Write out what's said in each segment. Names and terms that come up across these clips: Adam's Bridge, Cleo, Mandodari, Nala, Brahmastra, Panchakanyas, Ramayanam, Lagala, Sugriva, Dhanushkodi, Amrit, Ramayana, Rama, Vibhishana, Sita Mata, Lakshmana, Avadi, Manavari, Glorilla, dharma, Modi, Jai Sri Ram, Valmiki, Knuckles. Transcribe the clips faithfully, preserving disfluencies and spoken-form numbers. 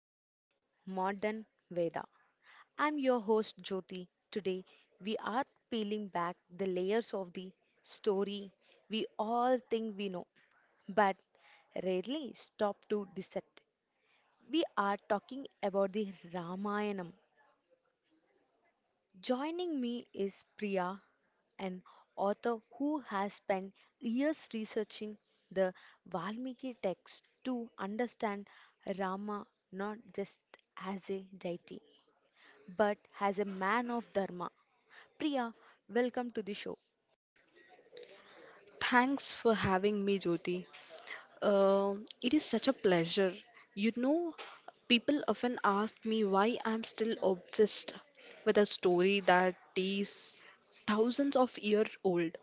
to the Modern Veda. I'm your host Jyoti. Today we are peeling back the layers of the story we all think we know, but rarely stop to dissect. We are talking about the Ramayana. Joining me is Priya, an author who has spent years researching the Valmiki text to understand Rama not just as a deity but as a man of dharma. Priya, welcome to the show. Thanks for having me, Jyoti. Uh, it is such a pleasure. You know, people often ask me why I'm still obsessed with a story that is thousands of years old.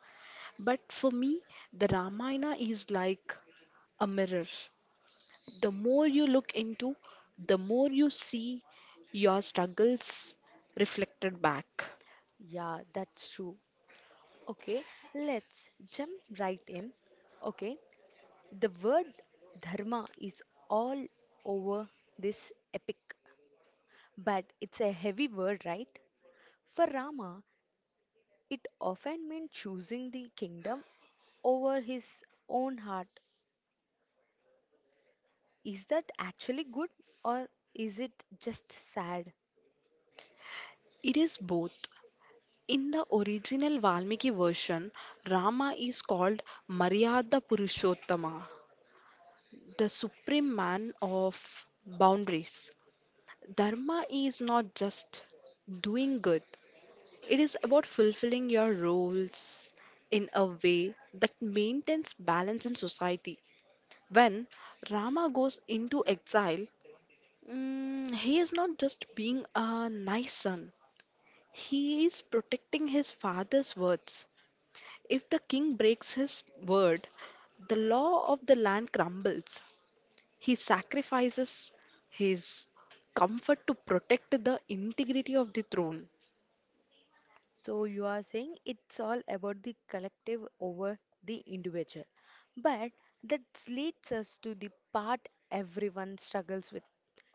But for me, the Ramayana is like a mirror. The more you look into, the more you see your struggles reflected back. Yeah, that's true. Okay, let's jump right in. Okay, the word dharma is all over this epic, but it's a heavy word, right? For Rama, it often meant choosing the kingdom over his own heart. Is that actually good or is it just sad? It is both. In the original Valmiki version, Rama is called Maryada Purushottama, the supreme man of boundaries. Dharma is not just doing good, it is about fulfilling your roles in a way that maintains balance in society. When Rama goes into exile, mm, he is not just being a nice son, he is protecting his father's words. If the king breaks his word, the law of the land crumbles. He sacrifices his comfort to protect the integrity of the throne. So, you are saying it's all about the collective over the individual. But that leads us to the part everyone struggles with: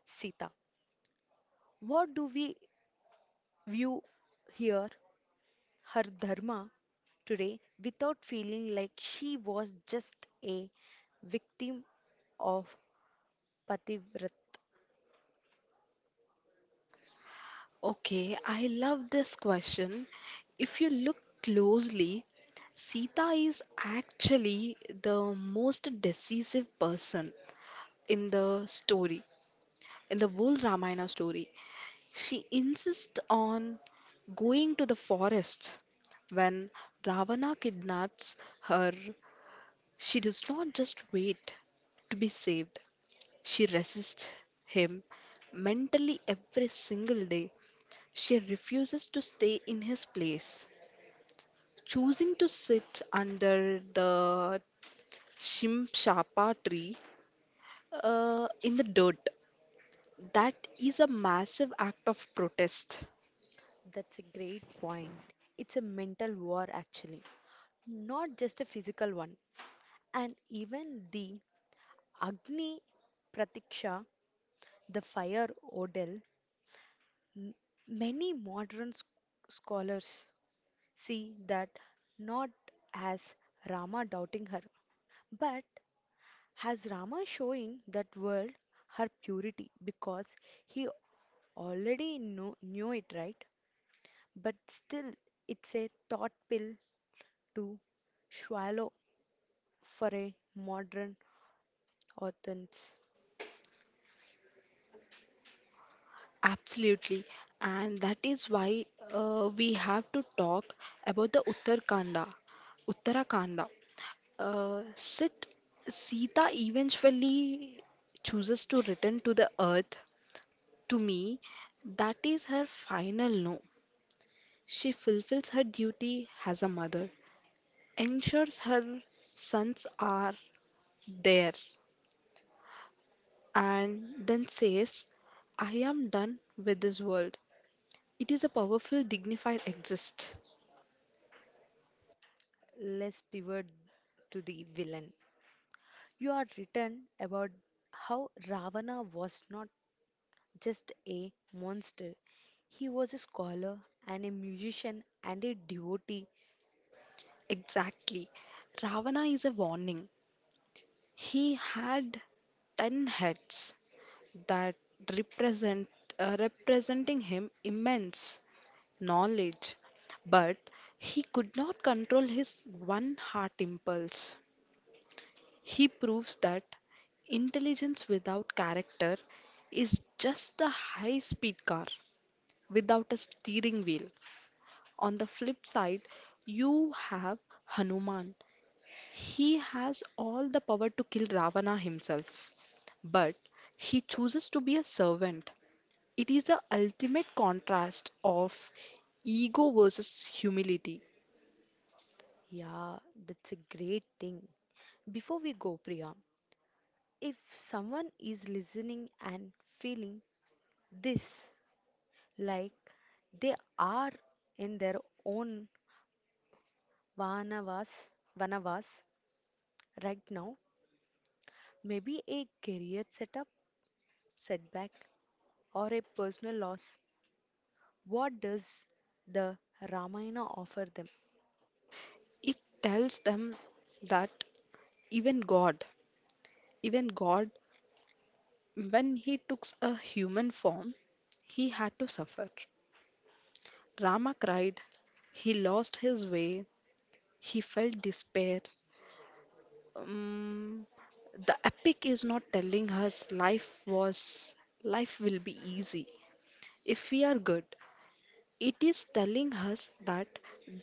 Sita. What do we view here? Her dharma today without feeling like she was just a victim of Pativrat. Okay, I love this question. If you look closely, Sita is actually the most decisive person in the story, in the whole Ramayana story. She insists on going to the forest. When Ravana kidnaps her, she does not just wait to be saved, she resists him mentally every single day. She refuses to stay in his place, choosing to sit under the Shimshapa tree uh, in the dirt. That is a massive act of protest. That's a great point. It's a mental war, actually, not just a physical one. And even the Agni Pratiksha, the fire odal, many modern s- scholars see that not as Rama doubting her, but has Rama showing that world her purity because he already know, knew it, right? But still, it's a thought pill to swallow for a modern audience. Absolutely, and that is why uh, we have to talk about the Uttarakhanda. Uttarakhanda. Uh, Sit, Sita eventually chooses to return to the earth. To me, that is her final no. She fulfills her duty as a mother, ensures her sons are there, and then says, I am done with this world. It is a powerful, dignified exist. Let's pivot to the villain. You are written about how Ravana was not just a monster, he was a scholar and a musician and a devotee. Exactly. Ravana is a warning. He had ten heads that represent uh, representing him immense knowledge, but he could not control his one heart impulse. He proves that intelligence without character is just a high-speed car without a steering wheel. On the flip side, you have Hanuman. He has all the power to kill Ravana himself, but he chooses to be a servant. It is the ultimate contrast of ego versus humility. Yeah, that's a great thing. Before we go, Priya, if someone is listening and feeling this, like they are in their own vanavas, vanavas right now, maybe a career setup, setback, or a personal loss, what does the Ramayana offer them? It tells them that even God, even God, when he took a human form, he had to suffer. Rama cried, he lost his way, he felt despair. Um, The epic is not telling us life was life will be easy if we are good. It is telling us that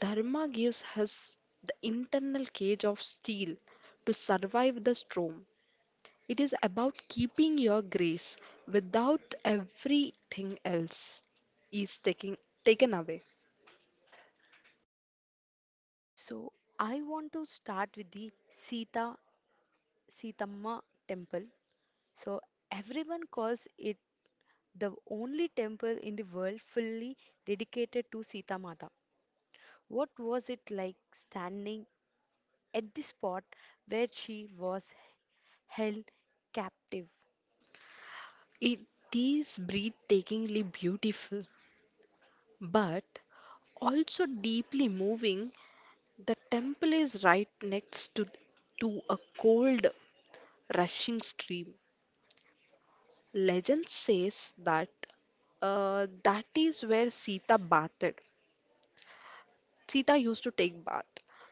dharma gives us the internal cage of steel to survive the storm. It is about keeping your grace without everything else is taking taken away. So I want to start with the Sita Sitamma temple. So everyone calls it the only temple in the world fully dedicated to Sita Mata. What was it like standing at the spot where she was held captive? It is breathtakingly beautiful, but also deeply moving. The temple is right next to, to a cold, rushing stream. Legend says that uh, that is where Sita bathed. Sita used to take bath.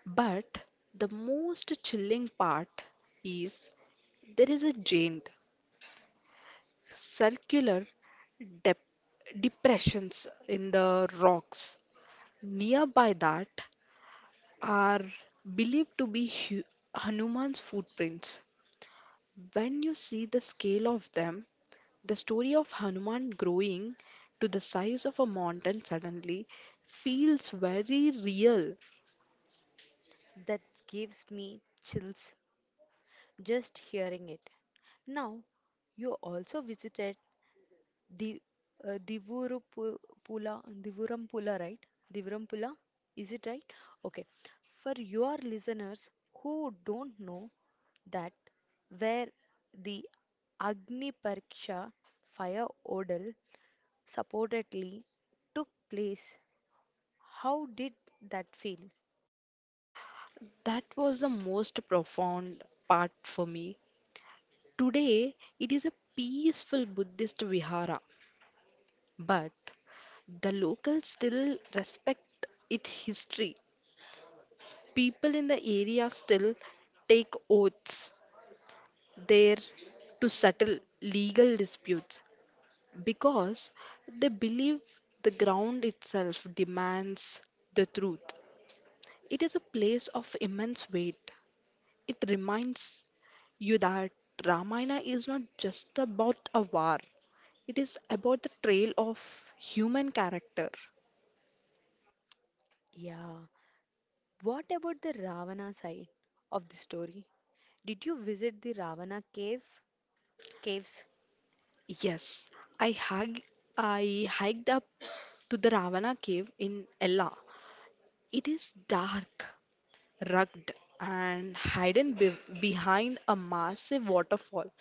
But the most chilling part is there is a giant circular dep depressions in the rocks. Nearby that are believed to be Hu Hanuman's footprints. When you see the scale of them, the story of Hanuman growing to the size of a mountain suddenly feels very real. That gives me chills just hearing it. Now, you also visited the uh, Divurupula, Divurampula, right? Divurampula, is it right? Okay. For your listeners who don't know that where the Agni Pariksha fire odal supposedly took place, how did that feel? That was the most profound part for me. Today, it is a peaceful Buddhist vihara, but the locals still respect its history. People in the area still take oaths there to settle legal disputes, because they believe the ground itself demands the truth. It is a place of immense weight. It reminds you that Ramayana is not just about a war, it is about the trail of human character. Yeah. What about the Ravana side of the story? Did you visit the Ravana cave? Caves? Yes, I, hug, I hiked up to the Ravana cave in Ella. It is dark, rugged, and hidden be- behind a massive waterfall.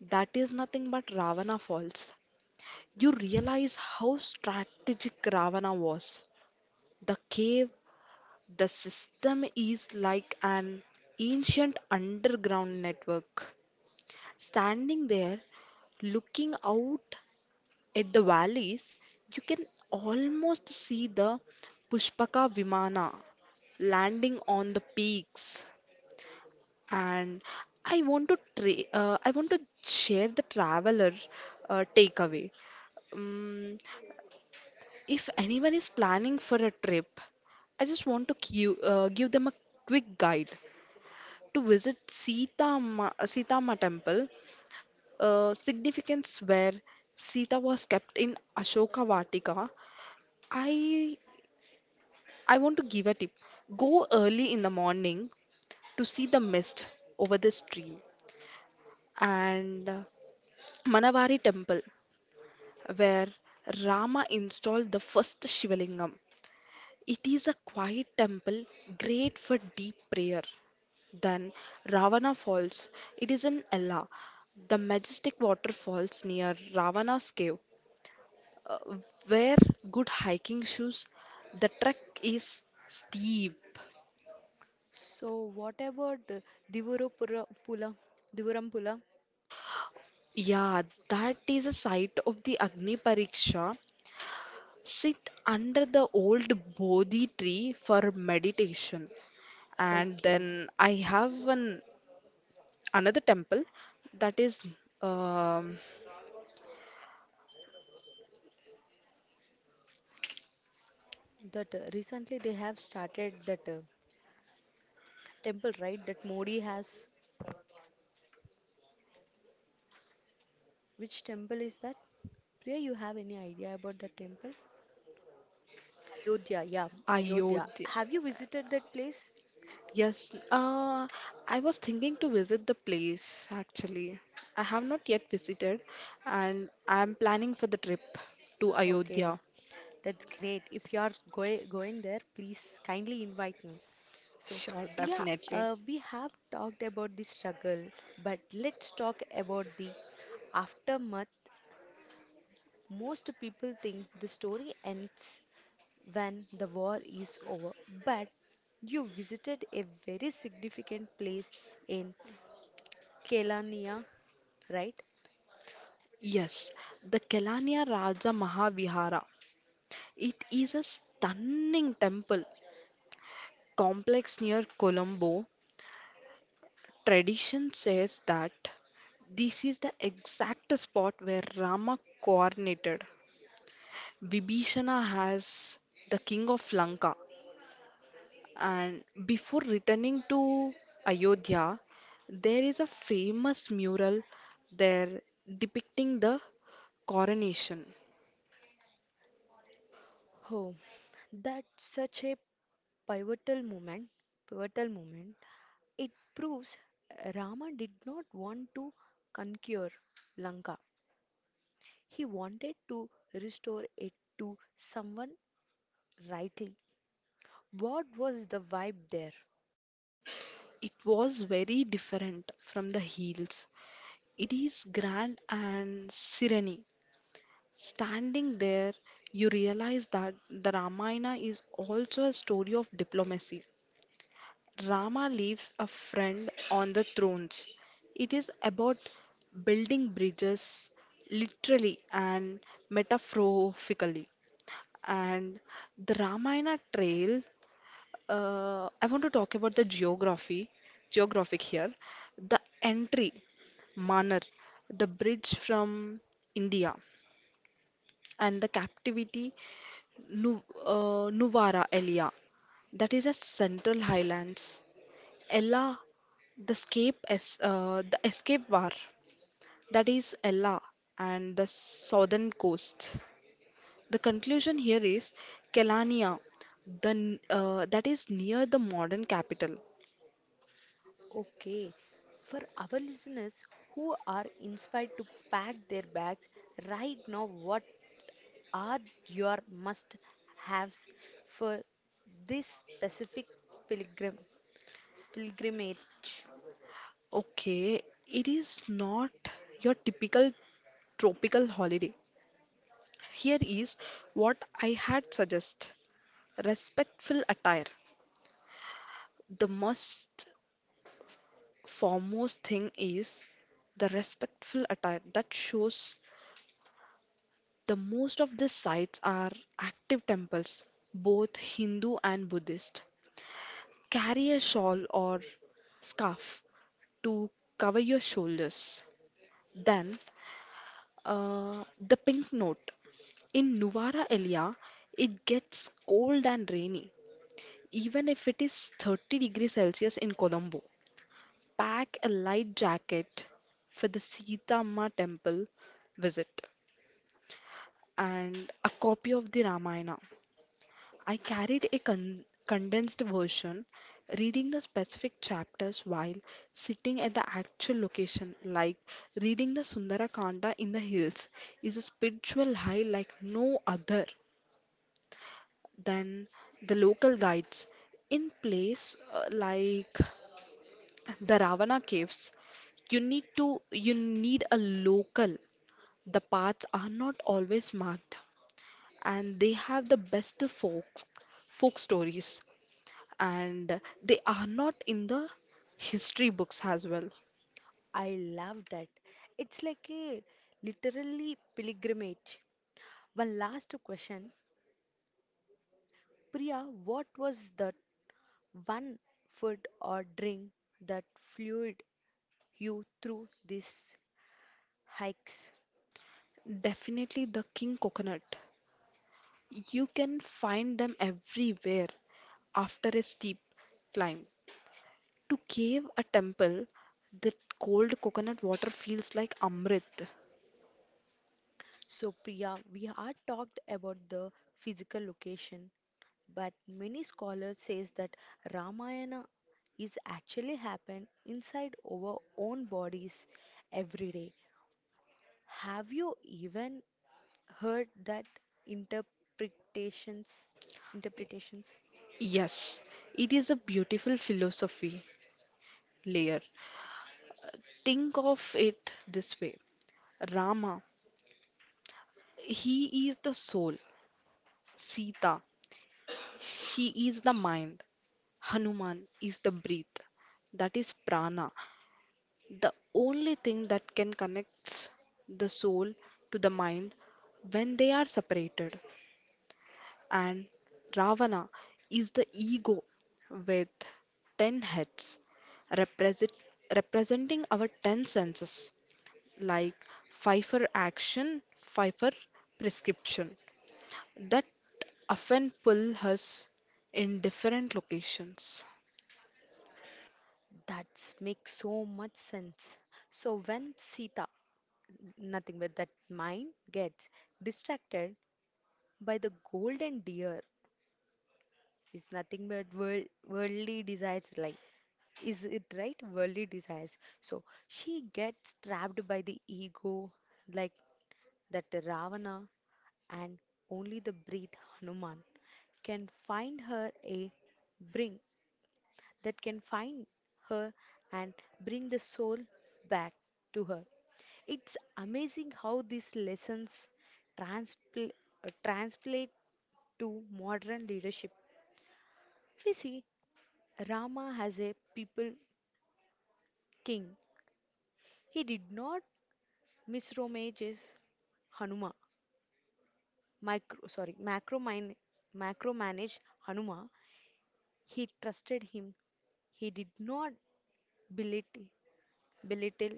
That is nothing but Ravana falls. You realize how strategic Ravana was. The cave, the system is like an ancient underground network. Standing there, looking out at the valleys, you can almost see the Pushpaka Vimana landing on the peaks. And I want to tra- uh, I want to share the traveler uh, takeaway. Um, if anyone is planning for a trip, I just want to cu- uh, give them a quick guide to visit Sita Ma- Sita Ma temple. Uh, significance where Sita was kept in Ashoka Vatika. I I want to give a tip. Go early in the morning to see the mist over the stream and uh, Manavari temple, where Rama installed the first Shivalingam. It is a quiet temple great for deep prayer. Then Ravana Falls. It is in Ella, the majestic waterfalls near Ravana's cave. Uh, Wear good hiking shoes. The trek is steep. So whatever the Divurupura Pula, Divuram. Yeah, that is a site of the Agni Pariksha. Sit under the old Bodhi tree for meditation, and Okay, then I have an another temple that is um, that uh, recently they have started that uh, temple, right? That Modi has. Which temple is that? Priya, you have any idea about that temple? Ayodhya, yeah, Ayodhya. Ayodhya. Have you visited that place? Yes, uh, I was thinking to visit the place actually. I have not yet visited, and I am planning for the trip to Okay, Ayodhya. that's great. If you are going going there, please kindly invite me. So, Sure, Priya, definitely. uh, we have talked about the struggle, but let's talk about the aftermath. Most people think the story ends when the war is over, but you visited a very significant place in Kelania, right? Yes, the Kelaniya Raja Mahavihara. It is a stunning temple complex near Colombo. Tradition says that this is the exact spot where Rama coronated. Vibhishana has the king of Lanka, and before returning to Ayodhya, there is a famous mural there depicting the coronation. Oh, that's such a pivotal moment. Pivotal moment. It proves Rama did not want to conquer Lanka. He wanted to restore it to someone rightly. What was the vibe there? It was very different from the hills. It is grand and serene. Standing there, you realize that the Ramayana is also a story of diplomacy. Rama leaves a friend on the thrones. It is about building bridges, literally and metaphorically. And the Ramayana Trail, uh, I want to talk about the geography, geographic here. The entry, Manar, the bridge from India, and the captivity Nu- uh, Nuvara Elia, that is a Central Highlands. Ella, the escape, es- uh, the escape war, that is Ella and the southern coast. The conclusion here is Kelania, the n- uh, that is near the modern capital. Okay, for our listeners who are inspired to pack their bags right now, what are your must haves for this specific pilgrim pilgrimage? Okay, it is not your typical tropical holiday. Here is what I had suggest. Respectful attire. The must foremost thing is the respectful attire that shows the most of these sites are active temples, both Hindu and Buddhist. Carry a shawl or scarf to cover your shoulders. Then, uh, the pink note. In Nuvara area, it gets cold and rainy, even if it is thirty degrees Celsius in Colombo. Pack a light jacket for the Sita Ma temple visit and a copy of the Ramayana. I carried a con- condensed version, reading the specific chapters while sitting at the actual location. Like reading the Sundarakanda in the hills is a spiritual high like no other than the local guides. In place uh, like the Ravana caves, you need to you need a local. The paths are not always marked and they have the best folks folk stories and they are not in the history books as well. I love that. It's like a literally pilgrimage. One last question, Priya, what was that one food or drink that fueled you through these hikes? Definitely the king coconut. You can find them everywhere after a steep climb. To cave a temple, the cold coconut water feels like Amrit. So, Priya, we are talked about the physical location, but many scholars says that Ramayana is actually happen inside our own bodies every day. Have you even heard that interpretations? Interpretations Yes, it is a beautiful philosophy layer. Think of it this way. Rama, he is the soul. Sita, she is the mind. Hanuman is the breath. That is prana. The only thing that can connect the soul to the mind when they are separated. And Ravana is the ego with ten heads, represent, representing our ten senses, like five for action, five for prescription, that often pull us in different locations. that makes so much sense. So when Sita, nothing but that mind gets distracted by the golden deer. It's nothing but world, worldly desires, like, is it right? Worldly desires. So she gets trapped by the ego, like that Ravana, and only the breath Hanuman can find her a bring that can find her and bring the soul back to her. It's amazing how these lessons transpl- uh, translate to modern leadership. We see Rama has a people king. He did not misromage his Hanuma, micro sorry, macro mine, macro manage Hanuma. He trusted him. He did not belittle, belittle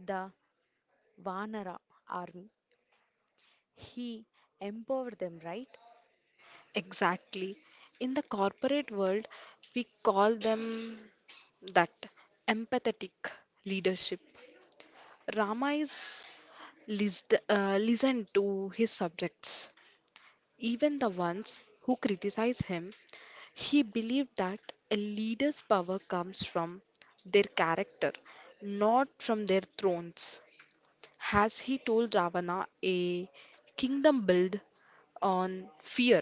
the Vanara army. He empowered them, right? Exactly. In the corporate world, we call them that empathetic leadership. Rama is List, uh, listened to his subjects, even the ones who criticize him. He believed that a leader's power comes from their character, not from their thrones. As he told Ravana, a kingdom built on fear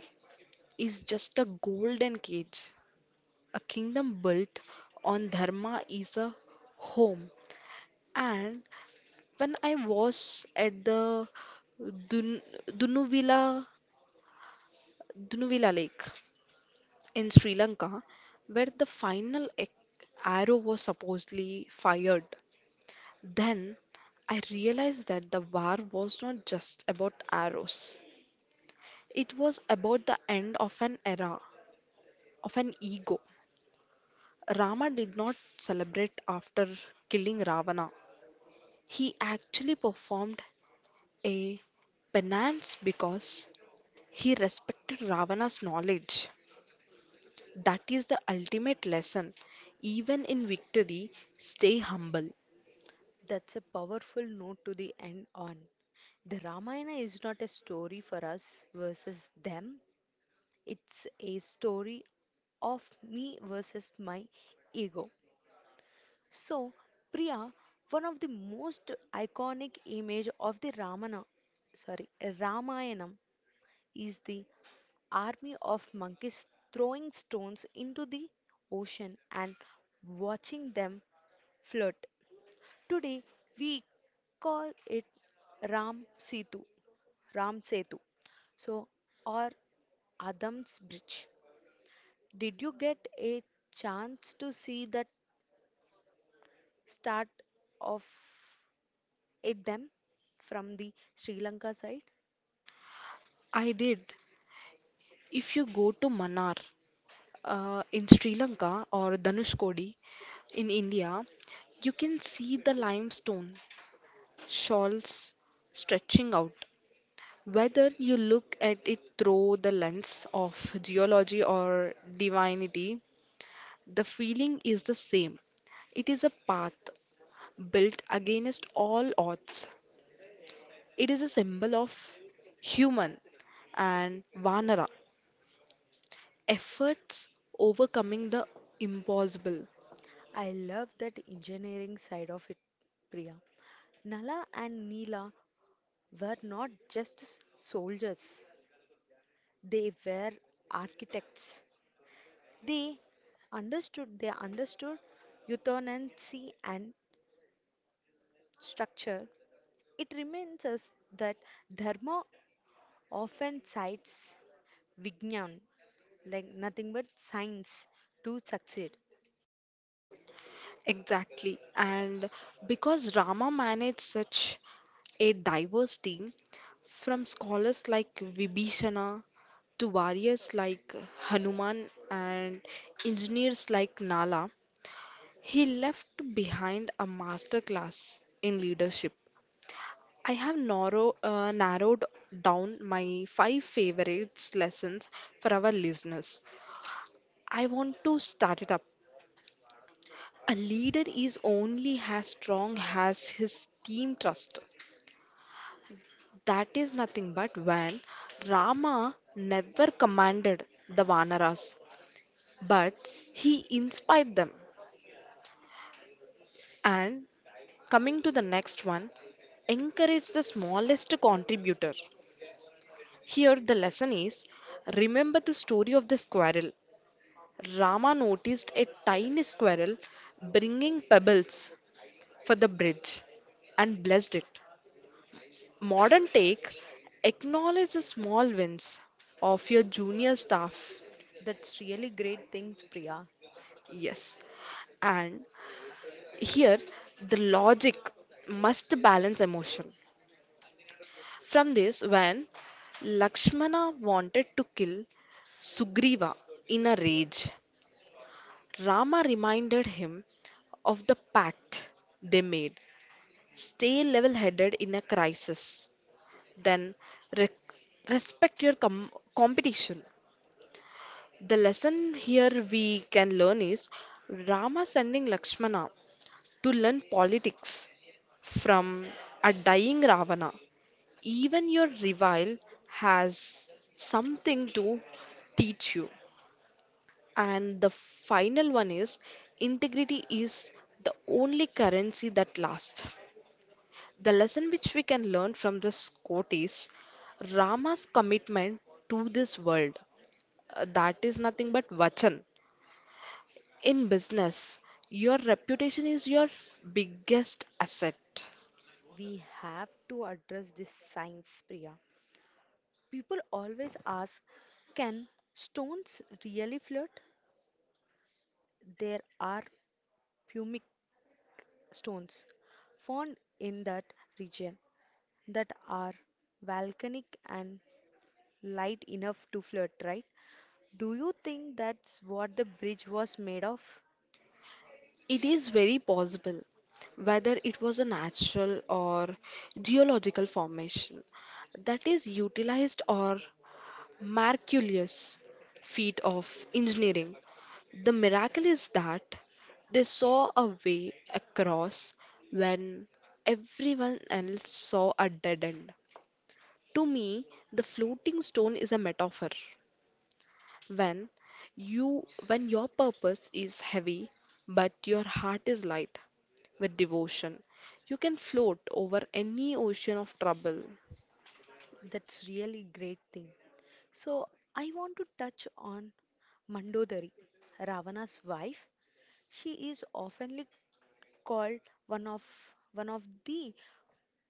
is just a golden cage. A kingdom built on dharma is a home. And when I was at the Dun Dunuvila Dunuvila Lake in Sri Lanka, where the final ec- arrow was supposedly fired, then I realized that the war was not just about arrows. It was about the end of an era, of an ego. Rama did not celebrate after killing Ravana. He actually performed a penance because he respected Ravana's knowledge. That is the ultimate lesson. Even in victory, stay humble. That's a powerful note to the end on. The Ramayana is not a story for us versus them. It's a story of me versus my ego. So, Priya, one of the most iconic image of the Ramana, sorry, Ramayanam is the army of monkeys throwing stones into the ocean and watching them float. Today we call it Ram Setu, Ram Setu, so or Adam's Bridge. Did you get a chance to see that start of at them from the Sri Lanka side. I did. If you go to Manar uh, in Sri Lanka or Dhanushkodi in India, you can see the limestone shawls stretching out. Whether you look at it through the lens of geology or divinity, the feeling is the same. It is a path built against all odds. It is a symbol of human and Vanara efforts overcoming the impossible. I love that engineering side of it, Priya. Nala and Neela were not just s- soldiers, they were architects. They understood they understood euthanasy and structure. It reminds us that dharma often cites Vijnan, like nothing but science, to succeed. Exactly. And because Rama managed such a diverse team, from scholars like Vibhishana to warriors like Hanuman and engineers like Nala, he left behind a masterclass in leadership. I have narrow, uh, narrowed down my five favorites lessons for our listeners. I want to start it up. A leader is only as strong as his team trust. That is nothing but when Rama never commanded the Vanaras, but he inspired them. And coming to the next one, encourage the smallest contributor. Here, the lesson is remember the story of the squirrel. Rama noticed a tiny squirrel bringing pebbles for the bridge and blessed it. Modern Take acknowledge the small wins of your junior staff. That's really great thing, Priya. Yes, and here the logic must balance emotion. From this, when Lakshmana wanted to kill Sugriva in a rage, Rama reminded him of the pact they made. Stay level headed in a crisis. Then re- respect your com- competition. The lesson here we can learn is Rama sending Lakshmana to learn politics from a dying Ravana. Even your revile has something to teach you. And the final one is integrity is the only currency that lasts. The lesson which we can learn from this quote is Rama's commitment to this world. Uh, That is nothing but vachan. In business, your reputation is your biggest asset. We have to address this science, Priya. People always ask, can stones really float? There are pumic stones found in that region that are volcanic and light enough to float, right? Do you think that's what the bridge was made of? It is very possible whether it was a natural or geological formation that is utilized or miraculous feat of engineering. The miracle is that they saw a way across when everyone else saw a dead end. To me, the floating stone is a metaphor. When you when your purpose is heavy but your heart is light with devotion, you can float over any ocean of trouble That's really great thing. So I want to touch on Mandodari, Ravana's wife. She is often called one of one of the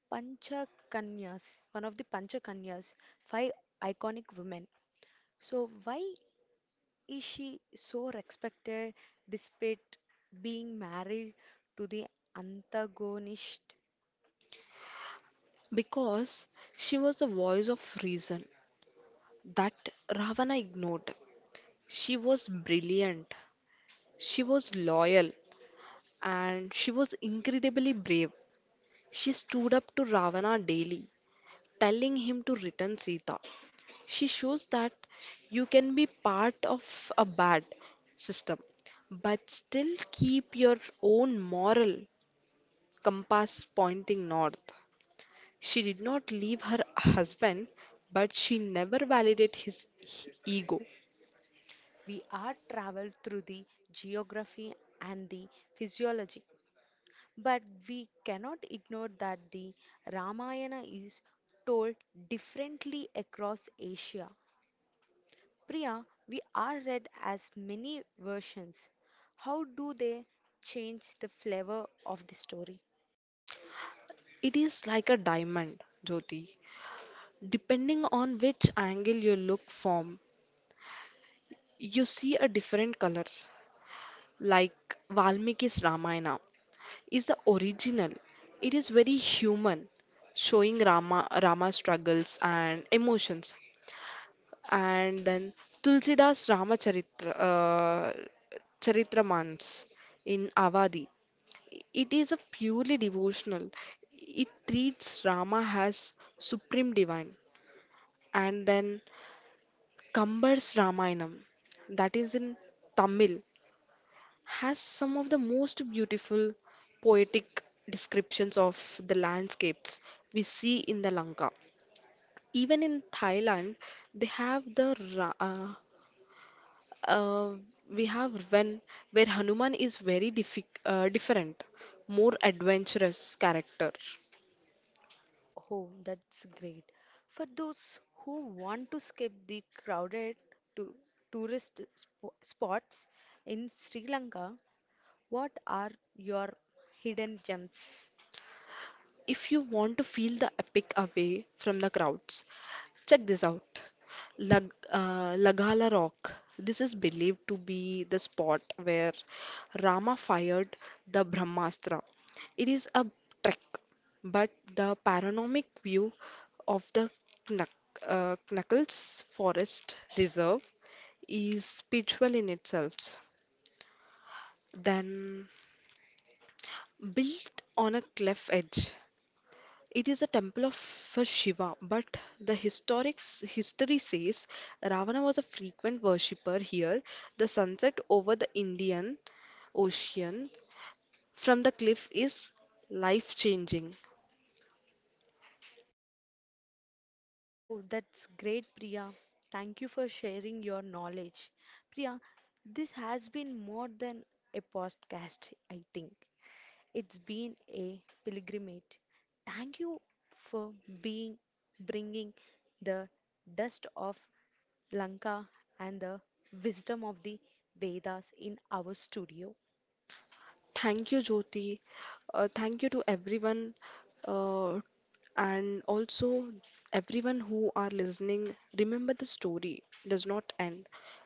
Panchakanyas, one of the Panchakanyas, five iconic women. So why is she so respected despite being married to the antagonist? because she was the voice of reason that Ravana ignored. She was brilliant, she was loyal, and she was incredibly brave. She stood up to Ravana daily, telling him to return Sita. She shows that you can be part of a bad system, but still keep your own moral compass pointing north. She did not leave her husband, but she never validated his ego. We are traveled through the geography and the physiology, but we cannot ignore that the Ramayana is told differently across Asia. Priya, we are read as many versions. How do they change the flavor of the story? It is like a diamond, Jyoti. Depending on which angle you look from, you see a different color. Like Valmiki's Ramayana is the original. It is very human, showing Rama Rama's struggles and emotions. And then Tulsidas Ramacharitra uh, Charitamans in Avadi. It is a purely devotional. It treats Rama as supreme divine, and then Kambar's Ramayanam, that is in Tamil, has some of the most beautiful poetic descriptions of the landscapes we see in the Lanka. Even in Thailand, they have the Ra- uh, uh, we have when where Hanuman is very diffi- uh, different, more adventurous character. Oh, that's great. For those who want to skip the crowded to tourist sp- spots in Sri Lanka, what are your hidden gems? If you want to feel the epic away from the crowds, check this out. Lag, uh, Lagala Rock. This is believed to be the spot where Rama fired the Brahmastra. It is a trek, but the panoramic view of the Knuck, uh, Knuckles Forest Reserve is spiritual in itself. Then built on a cliff edge. It is a temple of for Shiva, but the historic history says Ravana was a frequent worshipper here. The sunset over the Indian Ocean from the cliff is life changing. Oh, that's great, Priya. Thank you for sharing your knowledge. Priya, this has been more than a podcast, I think. It's been a pilgrimage. Thank you for being bringing the dust of Lanka and the wisdom of the Vedas in our studio. Thank you, Jyoti. Uh, thank you to everyone, uh, and also everyone who are listening. Remember the story does not end.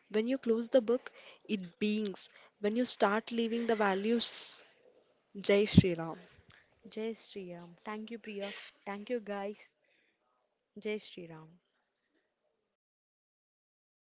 When you close the book, it beings. When you start living the values, Jai Shri Ram. Jai Sri Ram. Thank you, Priya. Thank you, guys. Jai Sri Ram.